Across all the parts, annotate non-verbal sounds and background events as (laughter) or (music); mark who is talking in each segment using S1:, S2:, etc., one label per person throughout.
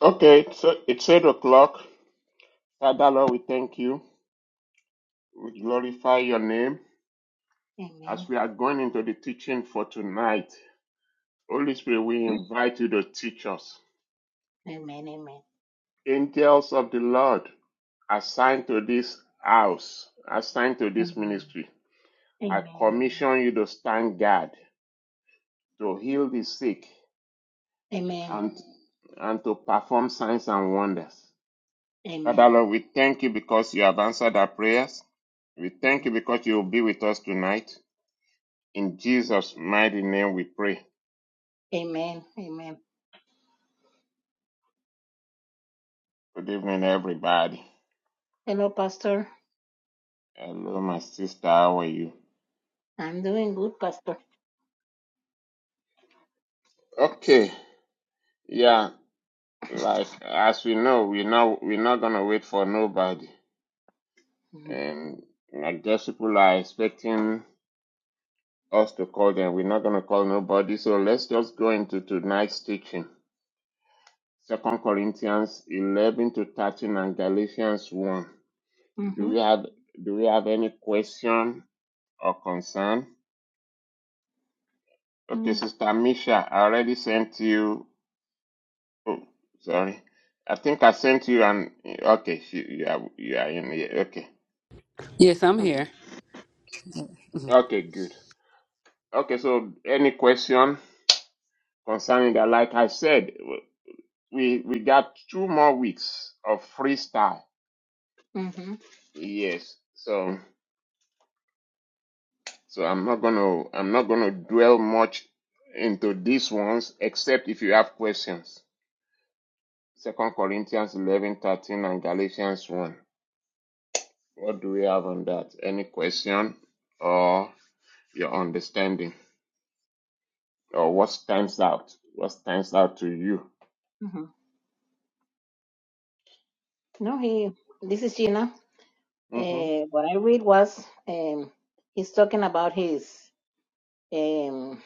S1: Okay, it's, it's 8 o'clock. Father, Lord, we thank you. We glorify your name as
S2: Amen.
S1: we are going into the teaching for tonight. Holy Spirit, we invite you to teach us.
S2: Amen. Amen.
S1: Angels of the Lord, assigned to this house, assigned to this ministry, I
S2: Amen. Amen.
S1: commission you to stand guard, to heal the sick,
S2: Amen.
S1: and, and to perform signs and wonders. Father,
S2: Amen.
S1: Lord, we thank you because you have answered our prayers. We thank
S2: Amen.
S1: you because you will be with us tonight. In Jesus' mighty name we pray.
S2: Amen. Amen.
S1: Good evening, everybody.
S2: Hello, Pastor.
S1: Hello, my sister. How are you?
S2: I'm doing good, Pastor.
S1: Okay. Yeah. Like as we know, we're not we're not gonna wait for nobody.
S2: hmm
S1: And like just people are expecting us to call them. We're not gonna call nobody. So let's just go into tonight's teaching. Second Corinthians eleven to thirteen and Galatians one. Do
S2: hmm
S1: we have do we have any question or concern? Okay,
S2: hmm
S1: Sister Misha, I already sent you. Oh, sorry. I think I sent you an. Okay, she, you are you are in here. Okay.
S3: Yes, I'm here.
S1: Okay, good. Okay, so any question concerning that? Like I said, we we got two more weeks of freestyle.
S2: hmm
S1: Yes. So so I'm not gonna I'm not gonna dwell much into these ones except if you have questions. Second Corinthians eleven thirteen and Galatians one. What do we have on that? Any question or your understanding or what stands out? What stands out to you?
S2: hmm No, he. This is Gina.
S1: Mm-hmm.
S2: Uh, what I read was um, he's talking about his um,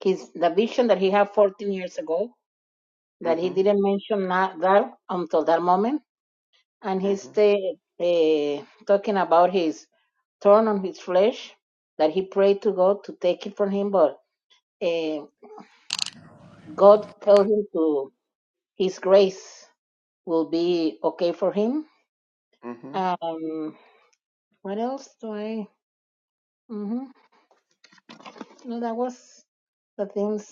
S2: his the vision that he had 14 years ago that he
S1: Mm-hmm.
S2: didn't mention not that until that moment and he
S1: Mm-hmm.
S2: stayed uh, talking about his thorn on his flesh that he prayed to God to take it from him, but uh, God told him to His grace will be okay for him.
S1: Mm-hmm.
S2: Um, what else do I? hmm No, that was the things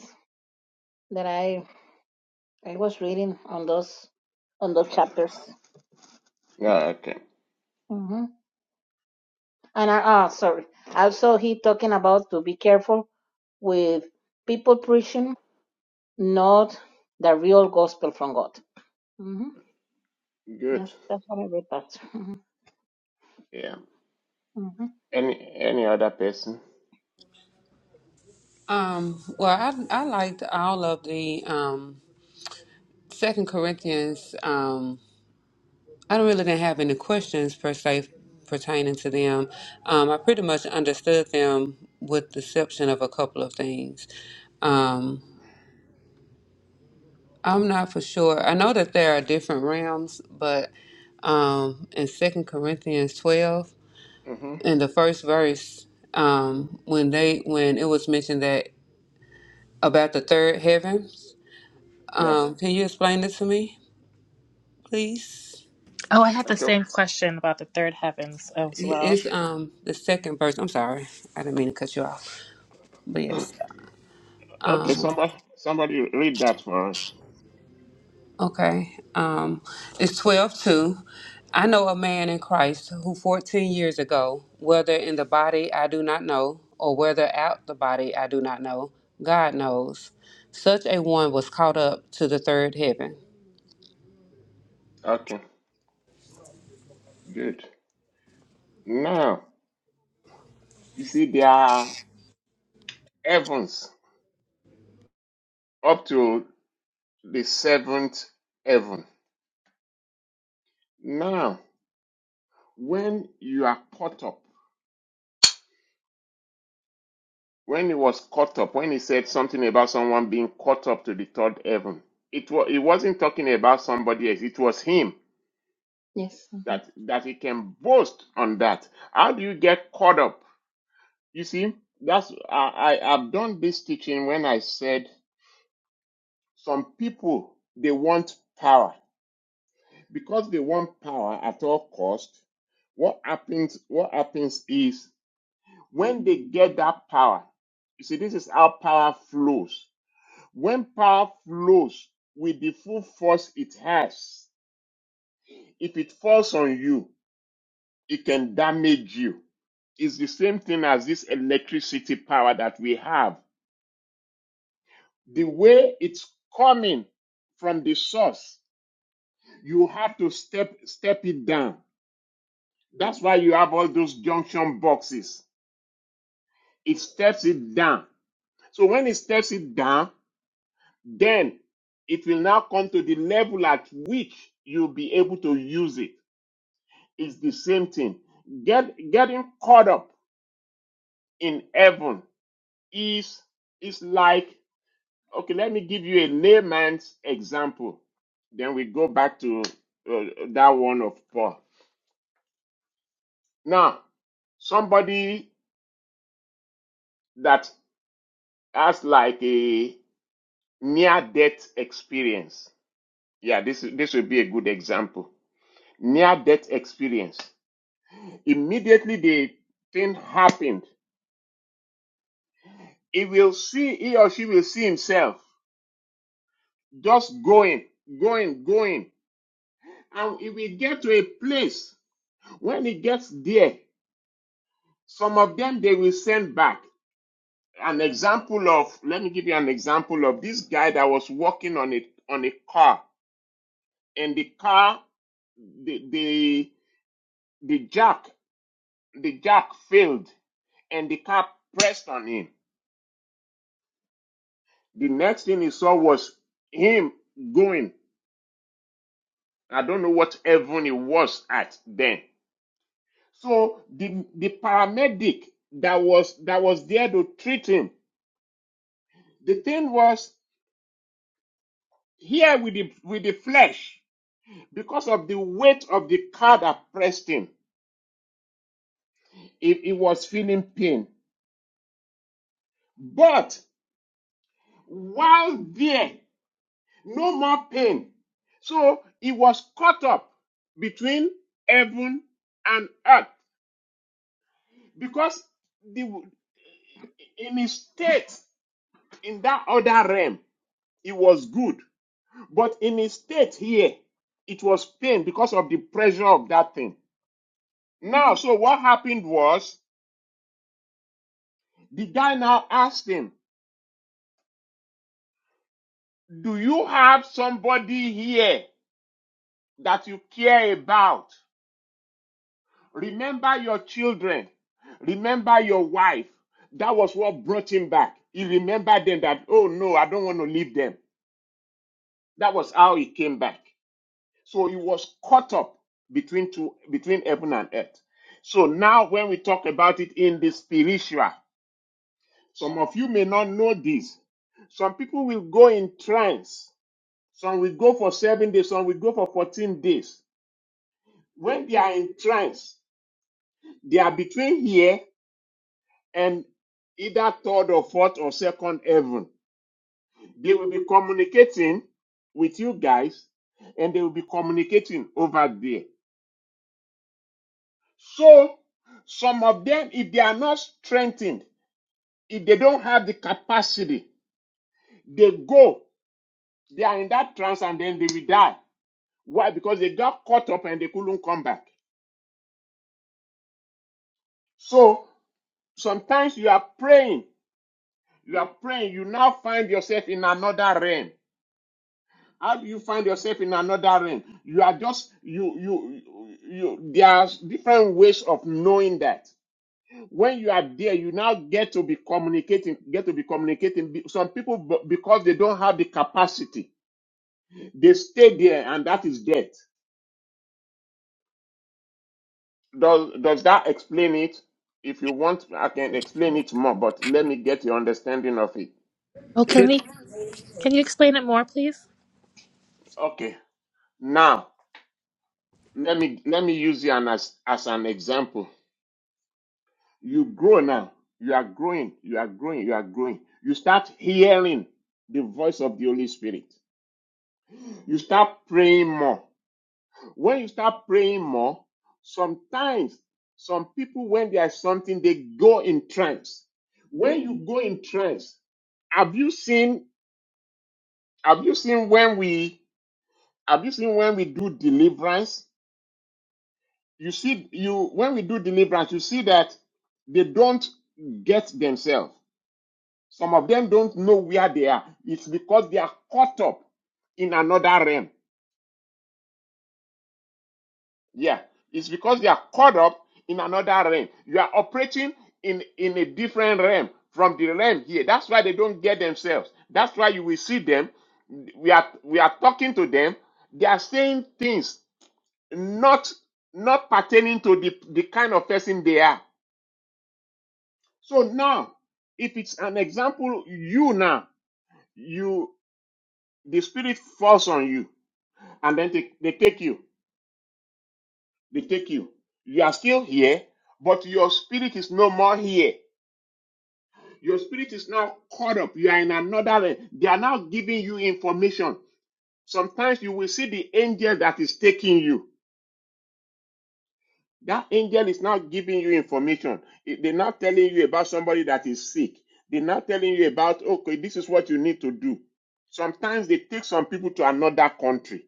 S2: that I I was reading on those on those chapters.
S1: Yeah, okay.
S2: hmm And I, ah, sorry. Also, he talking about to be careful with people preaching not the real gospel from God. hmm
S1: Good.
S2: That's that's what I read, Pastor. hmm
S1: Yeah.
S2: hmm
S1: Any any other person?
S3: Um, well, I I liked all of the um, Second Corinthians. Um, I don't really didn't have any questions per se pertaining to them. Um, I pretty much understood them with the exception of a couple of things. Um, I'm not for sure. I know that there are different realms, but um, in Second Corinthians 12,
S1: Mm-hmm.
S3: in the first verse, um, when they when it was mentioned that about the third heaven.
S1: Yeah.
S3: Um, can you explain this to me, please?
S4: Oh, I had the
S1: Okay.
S4: same question about the third heavens as
S3: It-
S4: well.
S3: It's um the second verse. I'm sorry, I didn't mean to cut you off. But
S1: (coughs)
S3: yes,
S1: (clears throat) okay, somebody somebody read that for us.
S3: okay. Um, it's twelve two. I know a man in Christ who fourteen years ago, whether in the body I do not know, or whether out the body I do not know, God knows. Such a one was caught up to the third heaven.
S1: Okay. Good. Now, you see there are heavens up to the seventh heaven. Now When you are caught up, when he was caught up, when he said something about someone being caught up to the third heaven, it was it wasn't talking about somebody else. It was him
S2: Yes, hmm
S1: that that he can boast on that. How do you get caught up? You see, that's I, I I've done this teaching when I said some people they want power because they want power at all cost. What happens? What happens is When they get that power, you see, this is how power flows. When power flows with the full force it has, if it falls on you, it can damage you. It's the same thing as this electricity power that we have. The way it's coming from the source, you have to step step it down. That's why you have all those junction boxes. It steps it down. So when it steps it down, Then it will now come to the level at which you'll be able to use it. It's the same thing. Get getting caught up in heaven is is like okay. Let me give you a layman's example. Then we go back to uh, that one of Paul. Now, somebody that has like a near death experience. Yeah, this is- this will be a good example. Near death experience. Immediately the thing happened, he will see, he or she will see himself just going, going, going. And he will get to a place. When he gets there, some of them they will send back. An example of, let me give you an example of this guy that was working on it on a car, and the car, the the the jack, the jack failed, and the car pressed on him. The next thing he saw was him going. I don't know what heaven he was at then. So the the paramedic that was that was there to treat him, the thing was here with the with the flesh because of the weight of the car that pressed him. He, he was feeling pain, but while there, no more pain. So he was caught up between heaven and earth because the in his state In that other realm, it was good. But in his state here, it was pain because of the pressure of that thing. Now, so what happened was the guy now asked him, Do you have somebody here that you care about? Remember your children. Remember your wife. That was what brought him back. He remembered them that, oh no, I don't want to leave them. That was how he came back. So he was caught up between two between heaven and earth. So now when we talk about it in the spiritual, some of you may not know this. Some people will go in trance. Some will go for seven days, some will go for 14 days. When they are in trance, they are between here and either third or fourth or second heaven. They will be communicating with you guys and they will be communicating over there. So some of them, if they are not strengthened, if they don't have the capacity, they go, they are in that trance and then they will die. Why? Because they got caught up and they couldn't come back. So sometimes you are praying, you are praying, you now find yourself in another realm. How do you find yourself in another realm? You are just you you you. you there are different ways of knowing that when you are there, you now get to be communicating, get to be communicating. Some people, because they don't have the capacity, they stay there and that is death. Does, does that explain it? If you want, I can explain it more, but let me get your understanding of it.
S4: Oh, can we? Can you explain it more, please?
S1: Okay. Now, let me, let me use you as, as an example. You grow now. You are growing. You are growing. You are growing. You start hearing the voice of the Holy Spirit. You start praying more When you start praying more, sometimes some people, when there's something, they go in trance. When you go in trance, have you seen have you seen when we have you seen when we do deliverance? You see, you when we do deliverance, you see that they don't get themselves. Some of them don't know where they are. It's because they are caught up in another realm. Yeah, it's because you are caught up in another realm. You are operating in in a different realm from the realm here. That's why they don't get themselves. That's why you will see them. We are we are talking to them. They are saying things not not pertaining to the the kind of person they are. So now, if it's an example, you now you the spirit falls on you, and then they, they take you. They take you. You are still here, but your spirit is no more here Your spirit is now caught up. You are in another. realm. They are now giving you information. Sometimes you will see the angel that is taking you. That angel is now giving you information. It- They're not telling you about somebody that is sick. They're not telling you about, okay, this is what you need to do. Sometimes they take some people to another country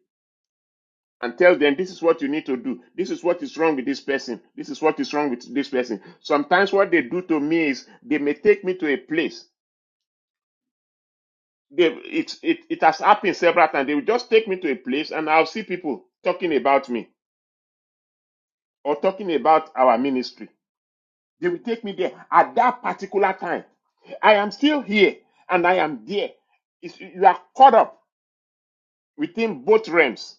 S1: and tell them, this is what you need to do. This is what is wrong with this person. This is what is wrong with this person. Sometimes what they do to me is they may take me to a place They, it, it, it has happened several times. They will just take me to a place and I'll see people talking about me or talking about our ministry. They will take me there at that particular time. I am still here and I am there. It's, you are caught up within both realms.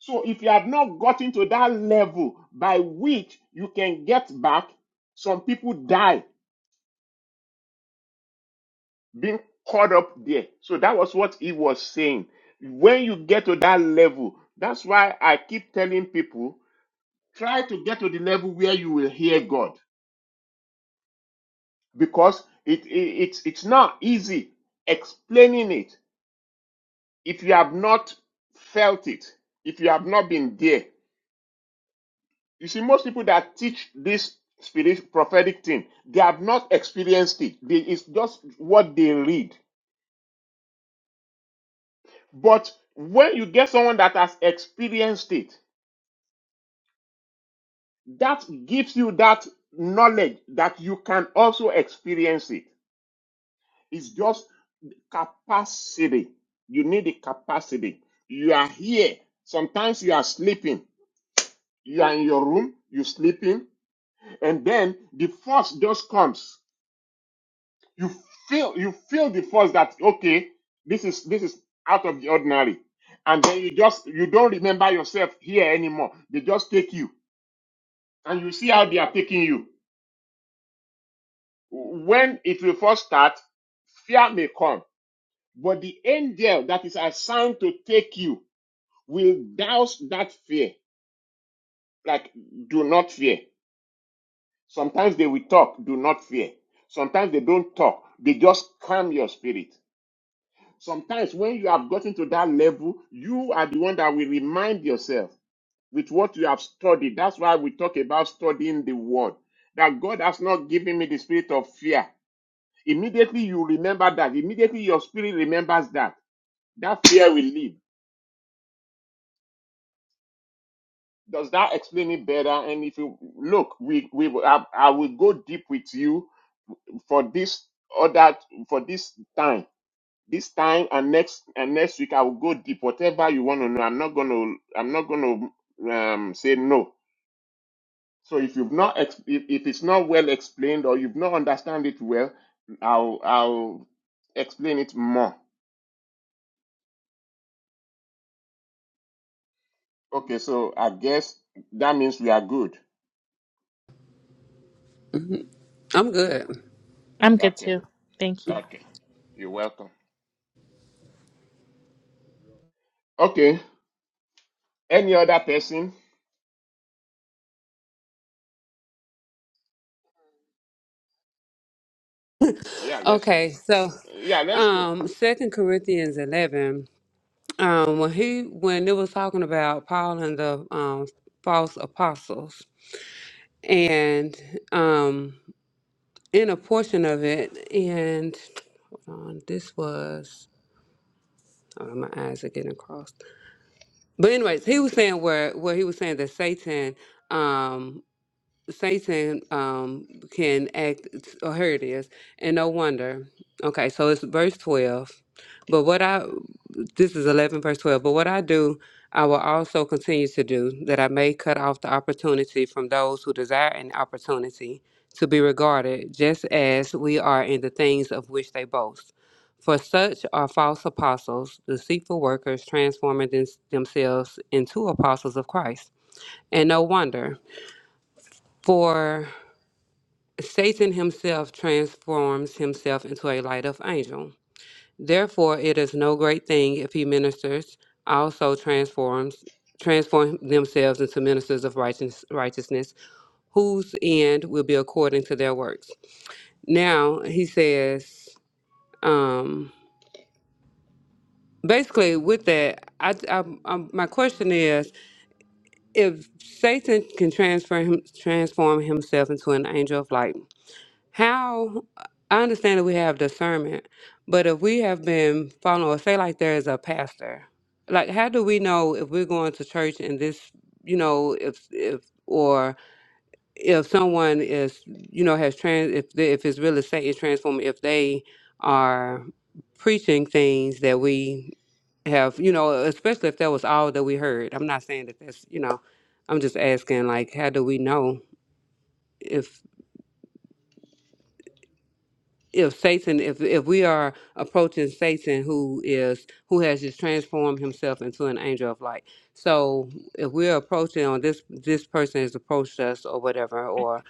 S1: So if you have not gotten to that level by which you can get back, some people die being caught up there. So that was what he was saying. When you get to that level, that's why I keep telling people try to get to the level where you will hear God because it, it it's it's not easy explaining it if you have not felt it, if you have not been there. You see, most people that teach this spirit prophetic thing, they have not experienced it. They, it's just what they read. But when you get someone that has experienced it, that gives you that knowledge that you can also experience it. It's just capacity. You need the capacity. You are here. Sometimes you are sleeping. You are in your room, you sleeping, and then the force just comes. You feel you feel the force that okay, this is this is out of the ordinary. And then you just you don't remember yourself here anymore. They just take you. And you see how they are taking you. when it will first start, fear may come, but the angel that is assigned to take you will douse that fear. Like, do not fear. Sometimes they will talk, do not fear. Sometimes they don't talk, they just calm your spirit. Sometimes when you have gotten to that level, you are the one that will remind yourself with what you have studied. That's why we talk about studying the word. That God has not given me the spirit of fear, Immediately you remember that. Immediately your spirit remembers that. That fear will leave. Does that explain it better? And if you look, we we will- I, I will go deep with you for this or that for this time, this time and next and next week I will go deep. Whatever you want to know, I'm not gonna I'm not gonna um, say no. So if you've not ex- if, if it's not well explained or you've not understand it well, I'll I'll explain it more. Okay, so I guess that means we are good.
S3: I'm good.
S4: I'm good
S1: Okay,
S4: too. Thank you.
S1: okay. You're welcome. Okay. Any other person? Yeah, let's
S3: Okay, so
S1: yeah, let's go.
S3: um, Second Corinthians eleven. um, when he when it was talking about Paul and the um, false apostles, and um, in a portion of it, and hold on, this was oh, my eyes are getting crossed. But anyways, he was saying where where he was saying that Satan. Um, Satan um can act oh here it is. And no wonder. Okay, so it's verse twelve. But what I this is eleven verse twelve, but what I do I will also continue to do, that I may cut off the opportunity from those who desire an opportunity to be regarded, just as we are in the things of which they boast. For such are false apostles, deceitful workers, transforming them- themselves into apostles of Christ. And no wonder. Satan himself transforms himself into a light of angel. Therefore, it is no great thing if he ministers also transforms transform themselves into ministers of righteous, righteousness, whose end will be according to their works. Now he says, um, basically, with that, I, I, I, my question is, if Satan can transfer him, transform himself into an angel of light how I understand that we have discernment, but if we have been following, say, like there is a pastor, like how do we know if we're going to church and this, you know, if if or if someone is, you know, has trans, if they, if it's really Satan transforming, if they are preaching things that we have, you know, especially if that was all that we heard. I'm not saying that that's, you know, I'm just asking, like, how do we know? if? if Satan, if if we are approaching Satan, who is who has just transformed himself into an angel of light. So if we're approaching, or this this person has approached us, or whatever, or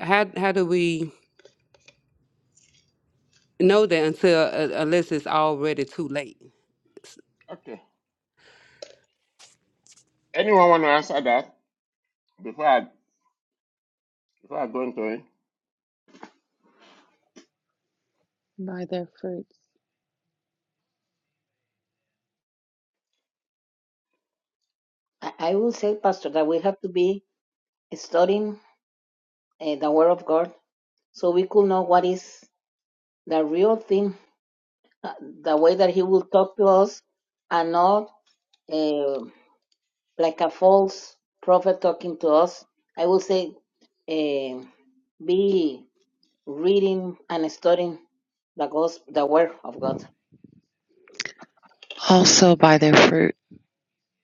S3: how how do we know that until uh, unless it's already too late?
S1: Okay. Anyone want to answer that before I before I go into it?
S5: by their fruits.
S2: I, I will say, Pastor, that we have to be studying uh, the Word of God so we could know what is the real thing, uh, the way that He will talk to us, and not uh, like a false prophet talking to us. I will say, uh, be reading and studying the gospel, the Word of God.
S5: also by their fruit.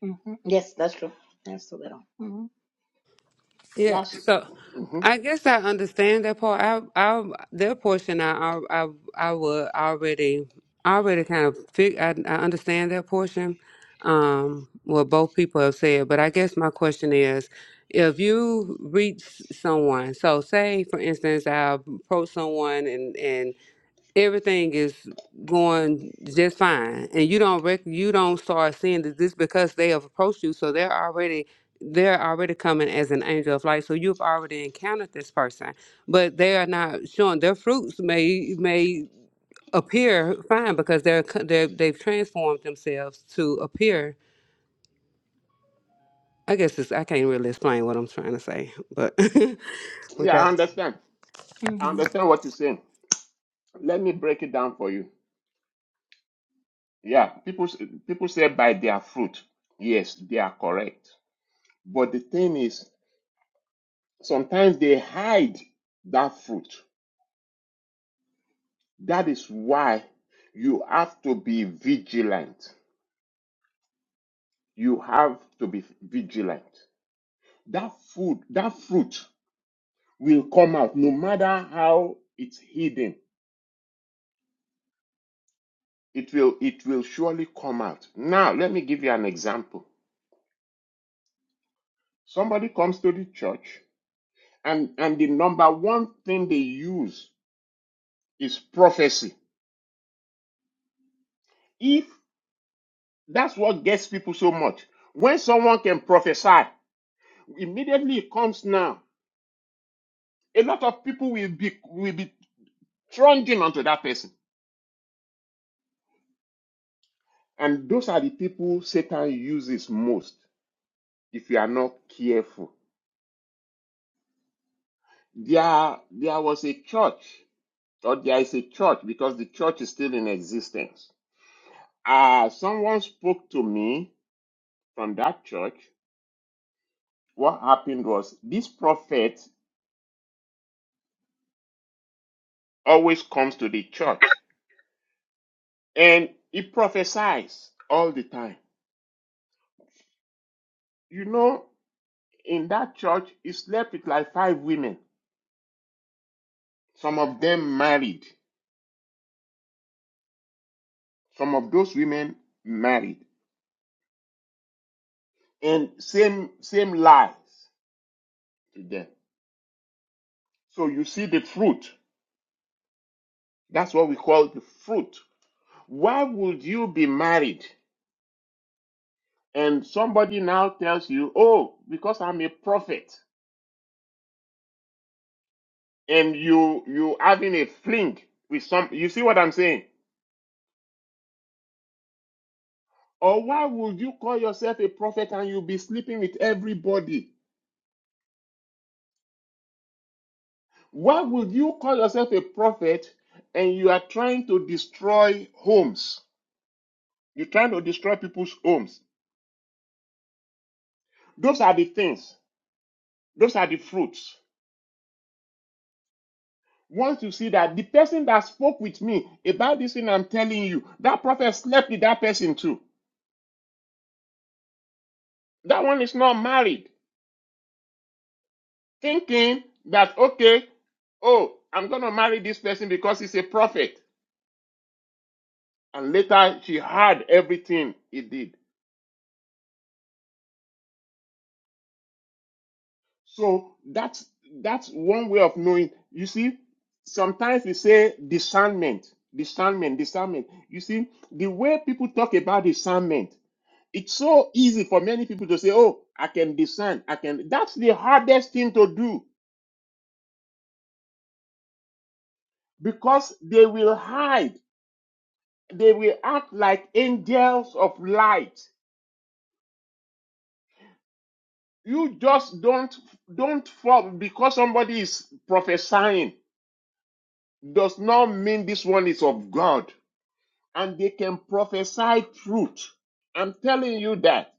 S2: hmm Yes, that's true. That's true. Mm-hmm.
S3: Yeah,
S1: That's
S3: so
S1: mhm.
S3: I guess I understand that part. I, I, that portion, I, I, I would already, already kind of, fig, I, I understand that portion. Um, what both people have said, but I guess my question is, if you reach someone, so say for instance, I approach someone and and everything is going just fine and you don't rec- you don't start seeing that this because they have approached you so they're already they're already coming as an angel of light so you've already encountered this person but they are not showing their fruits may may appear fine because they're, co- they're they've transformed themselves to appear i guess it's, i can't really explain what i'm trying to say but (laughs) with
S1: yeah, I
S3: that
S1: understand. I
S2: Mm-hmm.
S1: understand what you're saying. Let me break it down for you. Yeah, people s- people say by their fruit. Yes, they are correct. But the thing is, sometimes they hide that fruit. That is why you have to be vigilant. You have to be vigilant. That food, that fruit will come out no matter how it's hidden. It will, it will surely come out. Now, let me give you an example. Somebody comes to the church and, and the number one thing they use is prophecy. If that's what gets people so much, when someone can prophesy, immediately it comes now a lot of people will be will be Trudging onto that person. And those are the people Satan uses most if you are not careful. There, there was a church, or there is a church because the church is still in existence. Uh, someone spoke to me from that church. What happened was this prophet always comes to the church and he prophesies all the time. You know, in that church, he slept with like five women, some of them married. Some of those women married and same same lies to them. So you see the fruit. That's what we call the fruit. Why would you be married and somebody now tells you, "Oh, because I'm a prophet," and you you having a fling with some. You see what I'm saying? Or why would you call yourself a prophet and you be sleeping with everybody? Why would you call yourself a prophet and you are trying to destroy homes? You're trying to destroy people's homes. Those are the things. Those are the fruits. Once you see that the person that spoke with me about this thing I'm telling you, that prophet slept with that person too. That one is not married, thinking that, okay, oh, I'm going to marry this person because he's a prophet. And later she heard everything he did. So that's that's one way of knowing. You see, sometimes we say discernment, discernment, discernment. You see, the way people talk about discernment, it's so easy for many people to say, "Oh, I can discern. I can." That's the hardest thing to do because they will hide. They will act like angels of light. You just don't don't fall because somebody is prophesying does not mean this one is of God and they can prophesy truth. I'm telling you that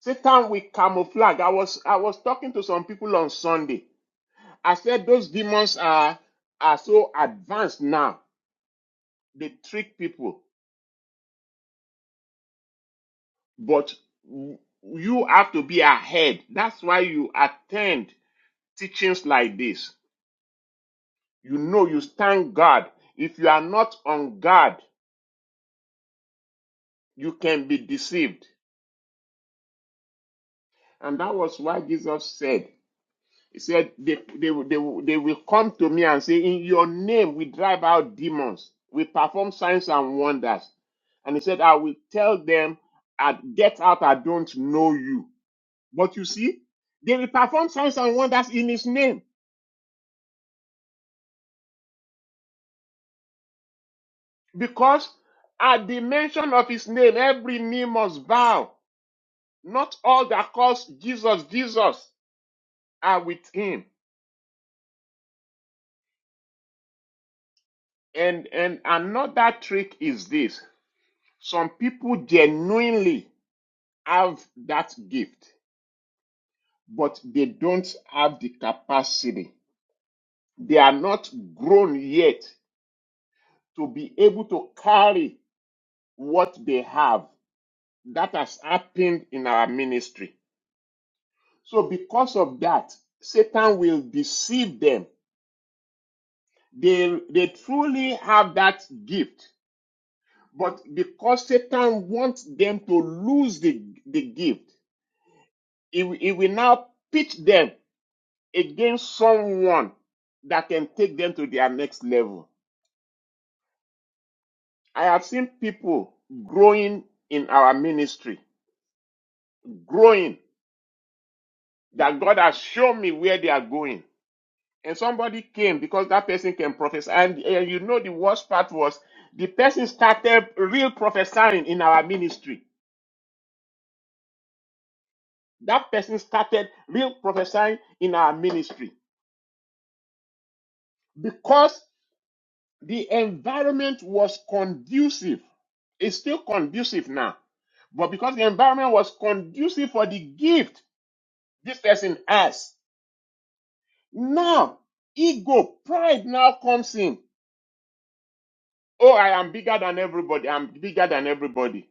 S1: Satan will camouflage. I was I was talking to some people on Sunday. I said those demons are are so advanced now. They trick people, but you have to be ahead. That's why you attend teachings like this. You know you stand guard. If you are not on guard, you can be deceived. And that was why Jesus said, He said, they, they, they, they will come to me and say, In your name we drive out demons, we perform signs and wonders. And he said, I will tell them, I get out, I don't know you. But you see, they will perform signs and wonders in his name because at the mention of his name, every knee must bow. Not all that calls Jesus, Jesus are with him. And, and another trick is this some people genuinely have that gift, but they don't have the capacity. They are not grown yet to be able to carry what they have. That has happened in our ministry. So, because of that, Satan will deceive them. They, they truly have that gift, but because Satan wants them to lose the, the gift, he, he will now pitch them against someone that can take them to their next level. I have seen people growing in our ministry, growing that God has shown me where they are going. And somebody came because that person can prophesy. And, and you know, the worst part was the person started real prophesying in our ministry. That person started real prophesying in our ministry because The environment was conducive. It's still conducive now. But because the environment was conducive for the gift this person has, now ego, pride now comes in. Oh, I am bigger than everybody. I'm bigger than everybody.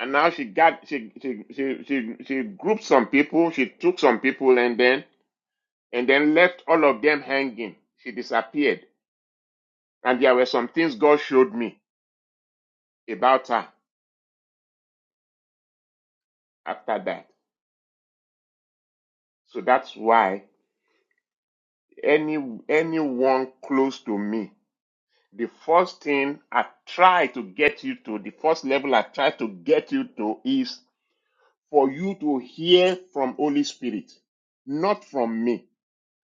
S1: And now she got she she she she, she grouped some people, she took some people and then and then left all of them hanging. She disappeared. And there were some things God showed me about her after that. So that's why. any anyone close to me, the first thing I try to get you to, the first level I try to get you to is for you to hear from Holy Spirit, not from me,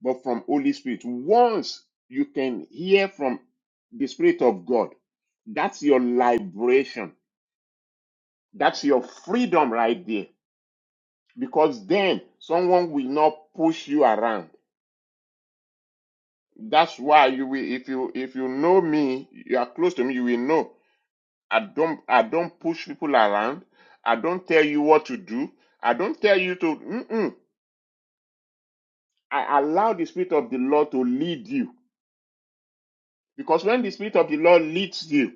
S1: but from Holy Spirit. Once you can hear from the Spirit of God, that's your liberation. That's your freedom right there. Because then someone will not push you around That's why you will, if you if you know me, you are close to me, you will know. I don't I don't push people around. I don't tell you what to do. I don't tell you to. Mm-mm. I allow the spirit of the Lord to lead you because when the spirit of the Lord leads you,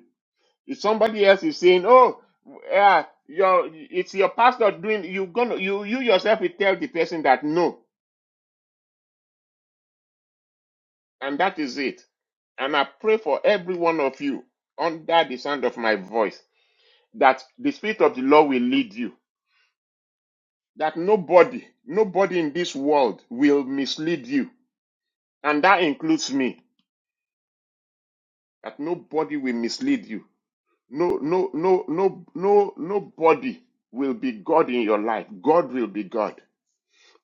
S1: if somebody else is saying, "Oh, yeah, your it's your pastor doing," you gonna you you yourself will tell the person that no, and that is it. And I pray for every one of you under the sound of my voice that the spirit of the Lord will lead you. That nobody, nobody in this world will mislead you. And that includes me. That nobody will mislead you. No, no, no, no, no, nobody will be God in your life. God will be God.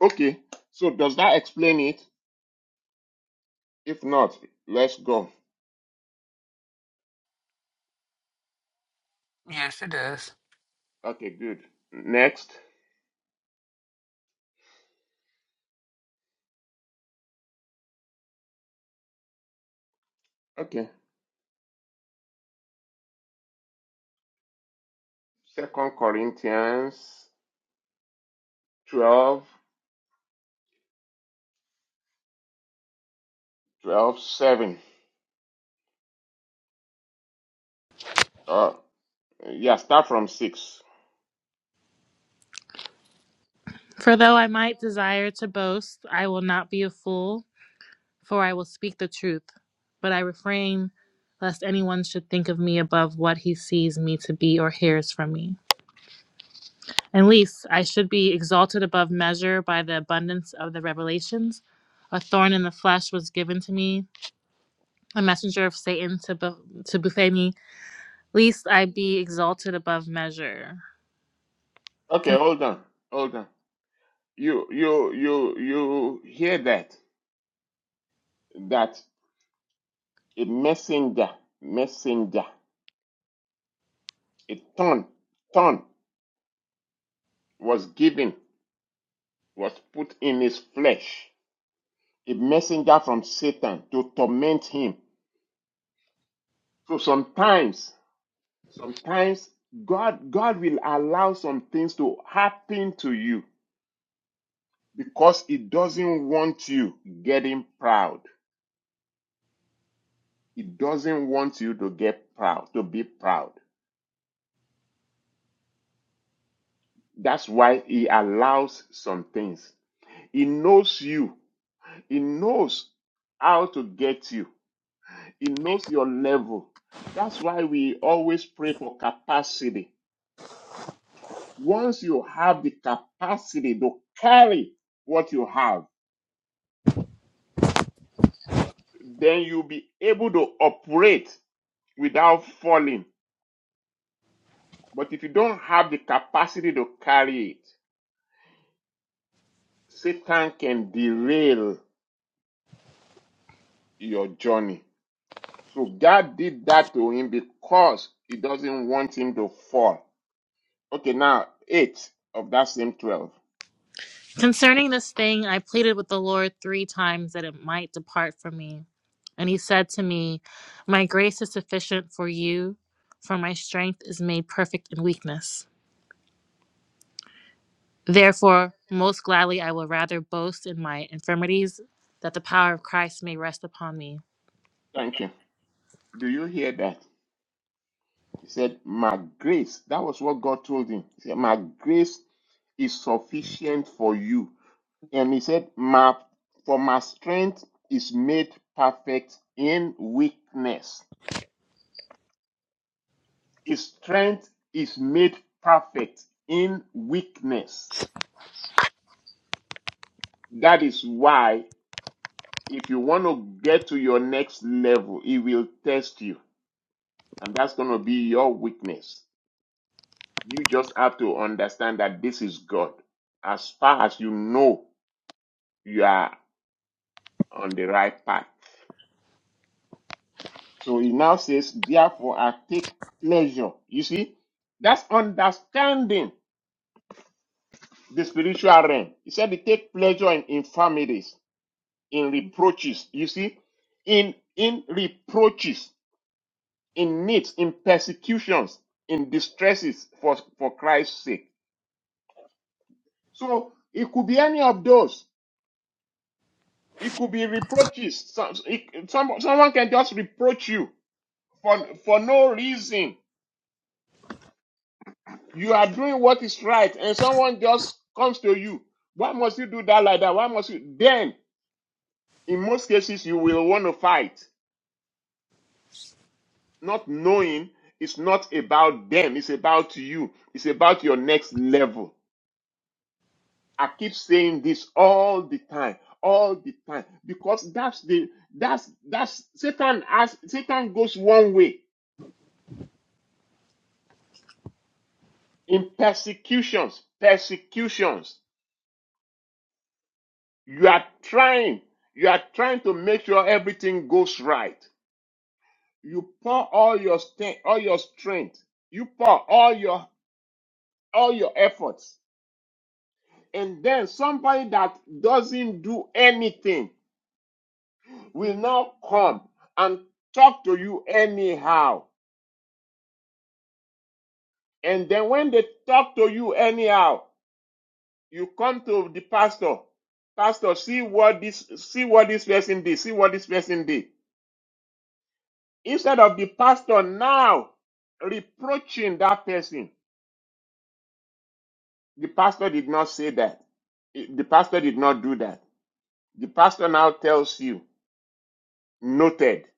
S1: Okay. So does that explain it? If not, let's go.
S3: yes it does
S1: Okay, good. Next. Okay. Second Corinthians twelve, twelve, seven. 12, Uh, yeah, start from 6.
S4: For though I might desire to boast, I will not be a fool, for I will speak the truth. But I refrain lest anyone should think of me above what he sees me to be or hears from me. And least I should be exalted above measure by the abundance of the revelations. A thorn in the flesh was given to me, a messenger of Satan to, bu- to buffet me Least I be exalted above measure.
S1: Okay,
S4: Con-
S1: hold on, hold on. You you you you hear that? That a messenger, messenger, a thorn, thorn was given, was put in his flesh, a messenger from Satan to torment him. So sometimes, sometimes God God will allow some things to happen to you because He doesn't want you getting proud. He doesn't want you to get proud, to be proud. That's why he allows some things. He knows you. He knows how to get you. He knows your level. That's why we always pray for capacity. Once you have the capacity to carry what you have, then you'll be able to operate without falling. But if you don't have the capacity to carry it, Satan can derail your journey. So God did that to him because he doesn't want him to fall. Okay, now eight of that same 12.
S4: concerning this thing, I pleaded with the Lord three times that it might depart from me. And he said to me, My grace is sufficient for you, for my strength is made perfect in weakness. Therefore, most gladly I will rather boast in my infirmities, that the power of Christ may rest upon me.
S1: Thank you. Do you hear that? He said, My grace. That was what God told him. He said, My grace is sufficient for you. And he said, My for my strength is made perfect in weakness. His strength is made perfect in weakness. That is why If you want to get to your next level, it will test you. And that's going to be your weakness. You just have to understand that this is God. As far as you know, you are on the right path. So he now says, therefore, I take pleasure. You see, that's understanding the spiritual realm. He said, he take pleasure in infirmities, in
S2: Mm-hmm.
S1: reproaches. You see, in in reproaches. in needs, in persecutions, in distresses for, for Christ's sake. So it could be any of those. It could be reproaches. Some, it, some, someone can just reproach you for, for no reason. You are doing what is right, and someone just comes to you. Why must you do that like that? Why must you? Then, in most cases, you will want to fight, not knowing it's not about them, it's about you, it's about your next level. I keep saying this all the time, all the time, because that's the that's that's Satan as Satan goes one way in persecutions, persecutions. You are trying, you are trying to make sure everything goes right. You pour all your strength, all your strength. You pour all your all your efforts, and then somebody that doesn't do anything will now come and talk to you anyhow And then when they talk to you anyhow, you come to the pastor. Pastor, see what this see what this person did, see what this person did. Instead of the pastor now reproaching that person, the pastor did not say that. The pastor did not do that. The pastor now tells you, noted,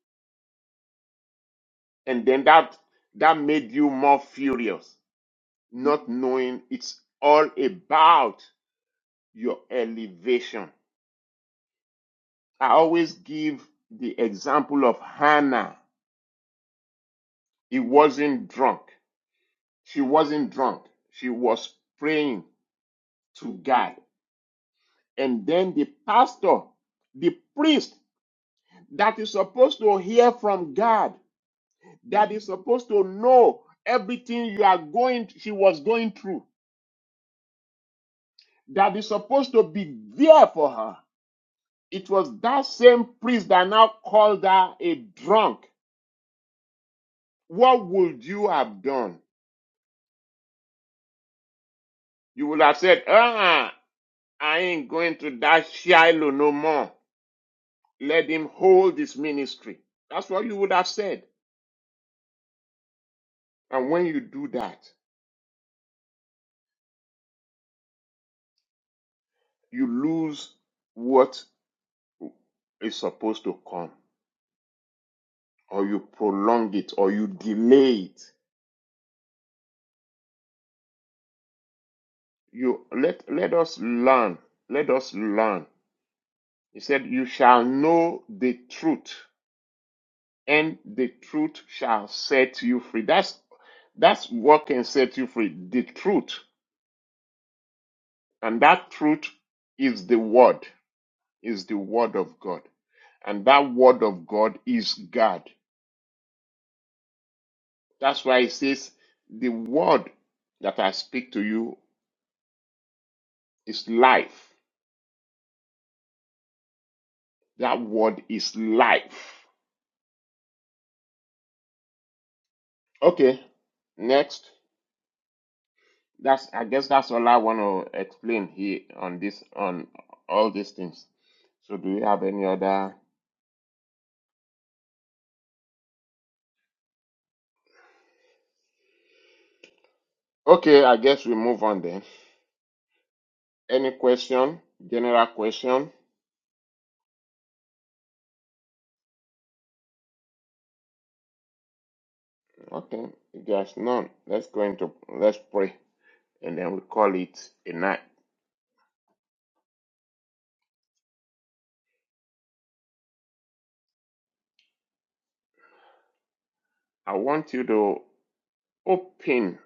S1: and then that that made you more furious, not knowing it's all about your elevation. I always give the example of Hannah. He wasn't drunk. She wasn't drunk. She was praying to God. And then the pastor, the priest that is supposed to hear from God, that is supposed to know everything you are going, she was going through, that is supposed to be there for her. It was that same priest that now called her a drunk. What would you have done? You would have said, uh-uh, I ain't going to that Shiloh no more. Let him hold his ministry. That's what you would have said. And when you do that, you lose what is supposed to come, or you prolong it, or you delay it. You let let us learn. Let us learn. He said, You shall know the truth, and the truth shall set you free. That's that's what can set you free. The truth. And that truth is the word. is the Word of God. And that Word of God is God. That's why it says, The Word that I speak to you is life. That Word is life. Okay, next. That's I guess that's all I want to explain here on this on all these things. So do you have any other? Okay, I guess we move on then. Any question? General question? Okay, if there's none, let's go into let's pray. and then we call it a night. I want you to open,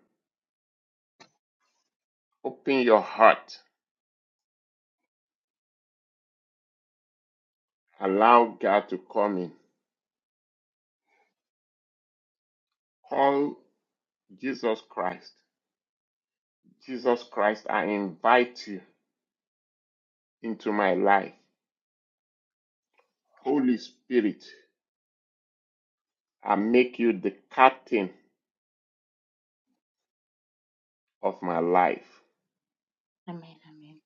S1: open your heart. Allow God to come in. Call Jesus Christ. Jesus Christ, I invite you into my life. Holy Spirit, I make you the captain of my life.
S2: Amen. Amen.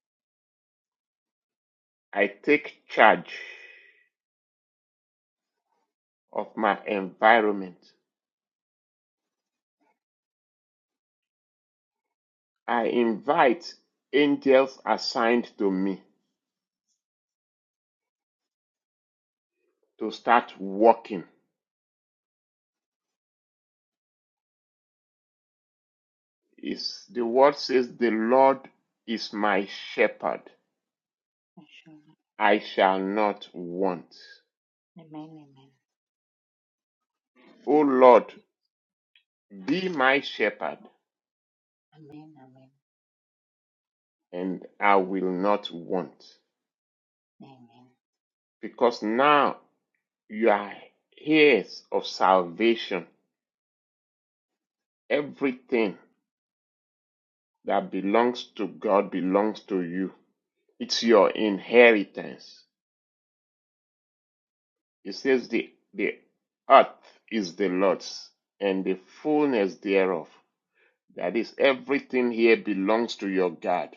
S1: I take charge of my environment. I invite angels assigned to me to start working is the word says the lord is my shepherd
S2: Inshallah.
S1: i shall not want
S2: Amen. Amen.
S1: o lord be my shepherd
S2: Amen.
S1: and i will not want because now you are heirs of salvation everything that belongs to god belongs to you it's your inheritance it says the the earth is the lord's and the fullness thereof That is, everything here belongs to your God.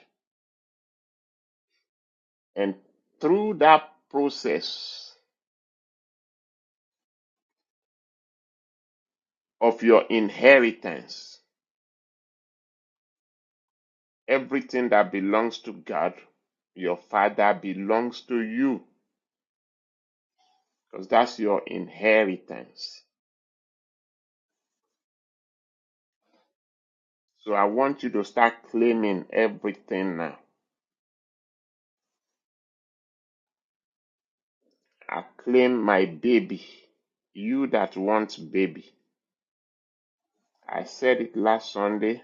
S1: And through that process of your inheritance, everything that belongs to God, your Father, belongs to you because that's your inheritance. So I want you to start claiming everything now. I claim my baby, you that want baby. I said it last Sunday.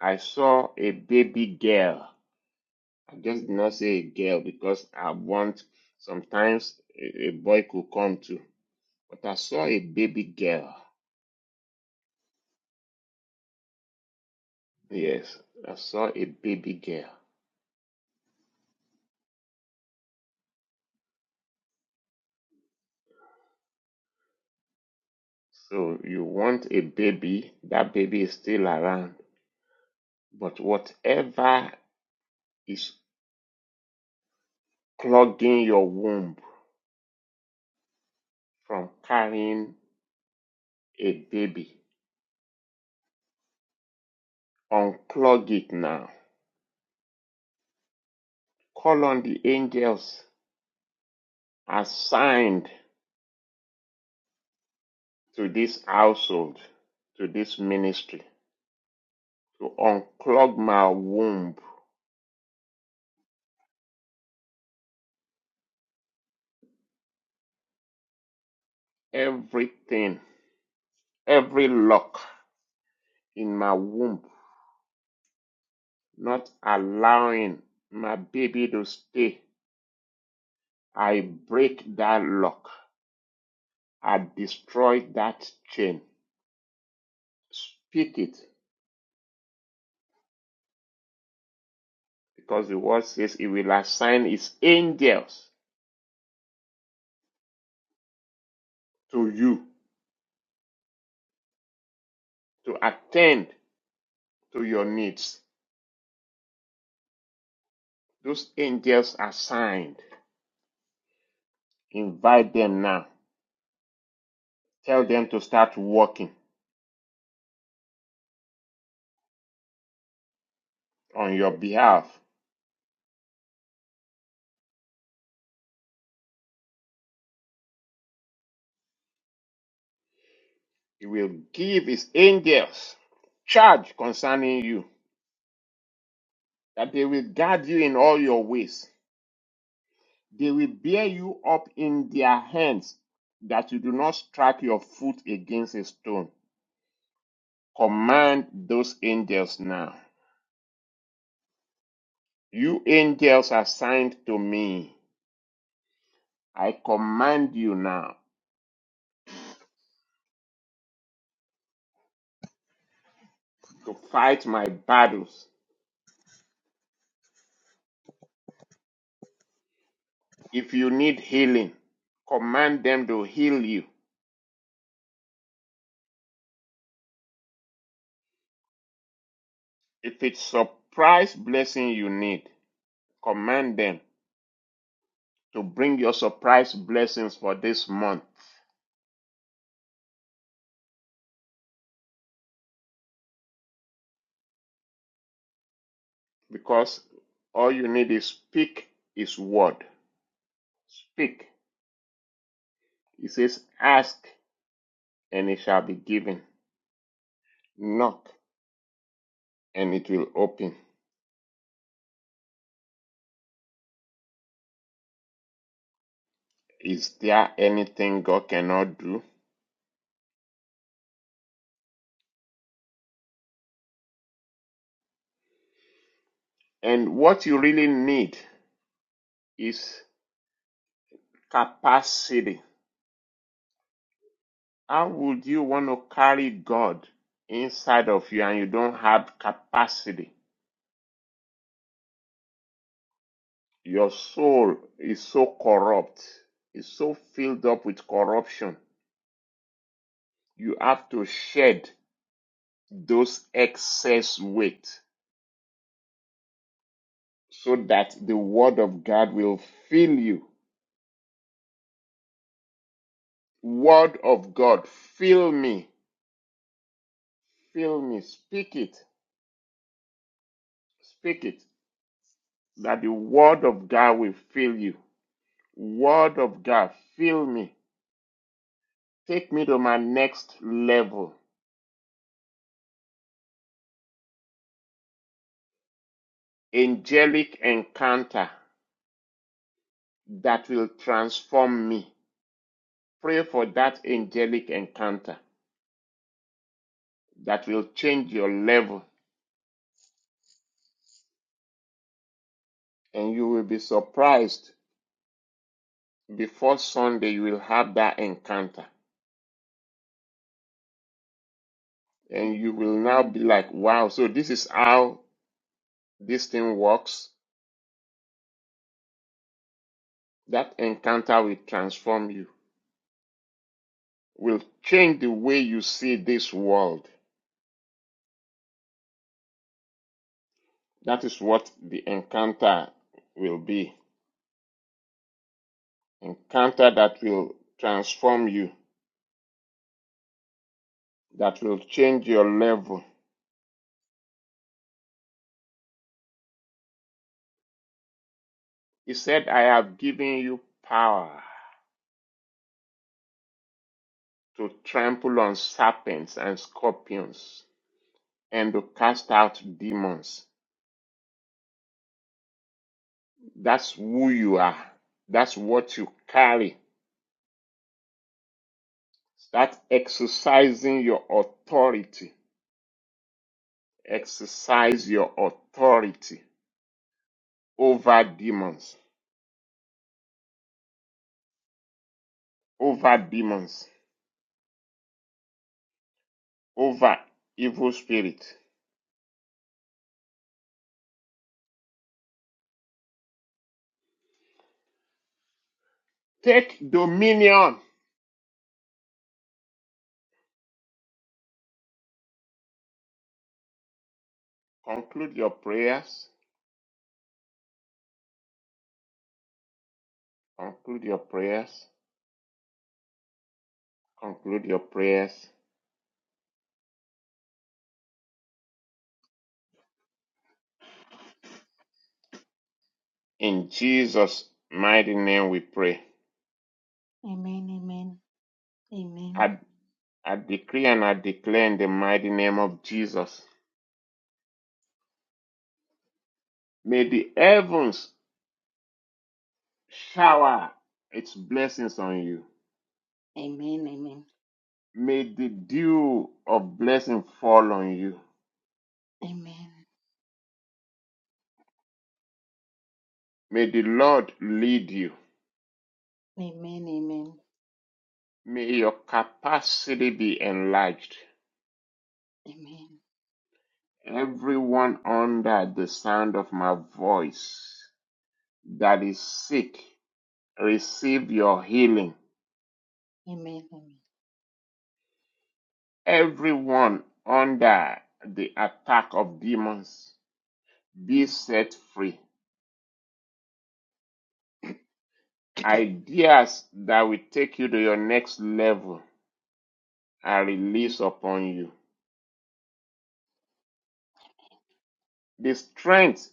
S1: I saw a baby girl I just did not say a girl because I want sometimes a, a boy could come too. But I saw a baby girl. Yes, I saw a baby girl. So you want a baby, that baby is still around. But whatever is clogging your womb from carrying a baby, unclog it now. Call on the angels assigned to this household, to this ministry to unclog my womb. Everything, every lock in my womb, not allowing my baby to stay. I break that lock. I destroy that chain. Speak it because the word says it will assign its angels to you to attend to your needs. Those angels assigned. Invite them now. Tell them to start working on your behalf He will give his angels charge concerning you, that they will guard you in all your ways. They will bear you up in their hands, that you do not strike your foot against a stone. Command those angels now. You angels assigned to me, I command you now to fight my battles. If you need healing, command them to heal you. If it's surprise blessing you need, command them to bring your surprise blessings for this month because all you need is speak his word. Speak. He says, Ask and it shall be given. Knock and it will open. Is there anything God cannot do? And what you really need is capacity. How would you want to carry God inside of you and you don't have capacity? Your soul is so corrupt, is so filled up with corruption. You have to shed those excess weight so that the word of God will fill you. Word of God, fill me, fill me, speak it, speak it, that the word of God will fill you. Word of God, fill me, take me to my next level. Angelic encounter that will transform me Pray for that angelic encounter that will change your level, and you will be surprised. Before Sunday, you will have that encounter, and you will now be like, wow, so this is how this thing works. That encounter will transform you, will change the way you see this world. That is what the encounter will be. Encounter that will transform you, that will change your level He said, I have given you power to trample on serpents and scorpions and to cast out demons. That's who you are. That's what you carry. Start exercising your authority. Exercise your authority over demons, over demons, over evil spirits. Take dominion. Conclude your prayers. Conclude your prayers. Conclude your prayers. In Jesus' mighty name we pray.
S2: Amen. Amen. Amen. Amen.
S1: I, I decree and I declare in the mighty name of Jesus. May the heavens shower its blessings on you.
S2: Amen. Amen.
S1: May the dew of blessing fall on you.
S2: Amen.
S1: May the Lord lead you.
S2: Amen. Amen. Amen.
S1: May your capacity be enlarged. Everyone under the sound of my voice that is sick, receive your healing
S2: Amen. Amen. Amen. Amen.
S1: everyone under the attack of demons be set free. Ideas that will take you to your next level are released upon you. The strength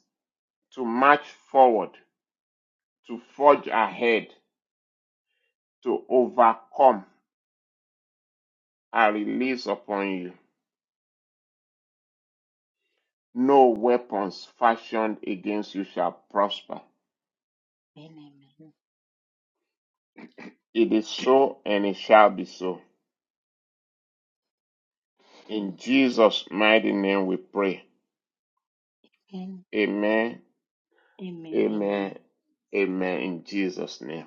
S1: to march forward, to forge ahead, to overcome are released upon you. No weapons fashioned against you shall prosper.
S2: Amen.
S1: It is so and it shall be so. In Jesus' mighty name we pray. Amen
S2: Amen. Amen. Amen.
S1: Amen. Amen. In Jesus' name.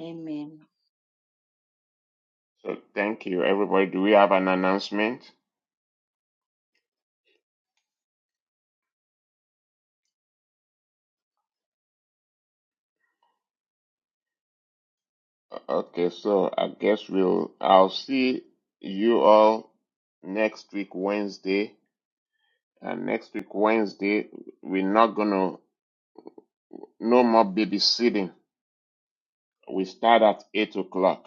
S2: Amen.
S1: So thank you, everybody. Do we have an announcement? Okay, so I guess we'll I'll see you all next week Wednesday. And next week Wednesday, we're not gonna no more babysitting. We start at eight o'clock.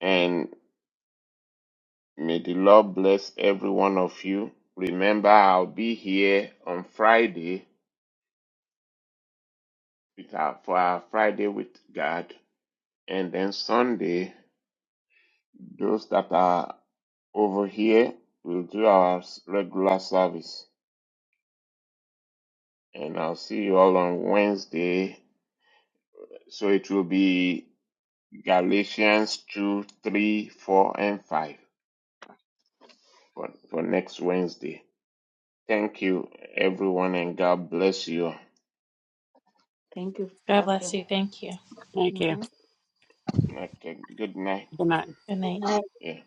S1: And may the Lord bless every one of you. Remember, I'll be here on Friday with our, for our Friday with God, and then Sunday. Those that are over here will do our s- regular service. And I'll see you all on Wednesday. So it will be Galatians 2, 3, 4, and 5 for, for next Wednesday. Thank you, everyone, and God bless you.
S2: Thank you,
S4: God
S2: Pastor.
S4: bless you. Thank you.
S3: thank you
S2: Mm-hmm.
S1: Okay, good night.
S3: good night
S4: Good night.
S1: Yeah.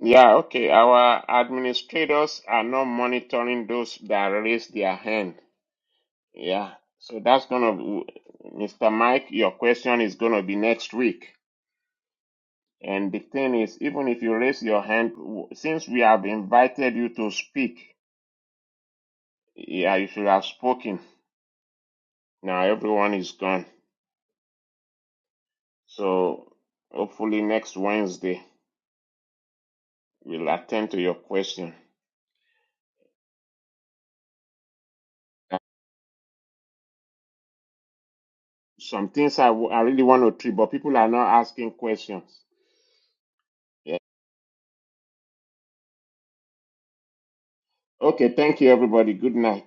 S1: Yeah, okay. Our administrators are not monitoring those that raise their hand. Yeah. So that's gonna, w- Mr. Mike, your question is gonna be next week. And the thing is, even if you raise your hand, w- since we have invited you to speak, yeah, you should have spoken. Now everyone is gone. So hopefully next Wednesday we'll attend to your question. Uh, Some things I, w- I really want to treat, but people are not asking questions. Yeah. Okay. Thank you, everybody. Good night.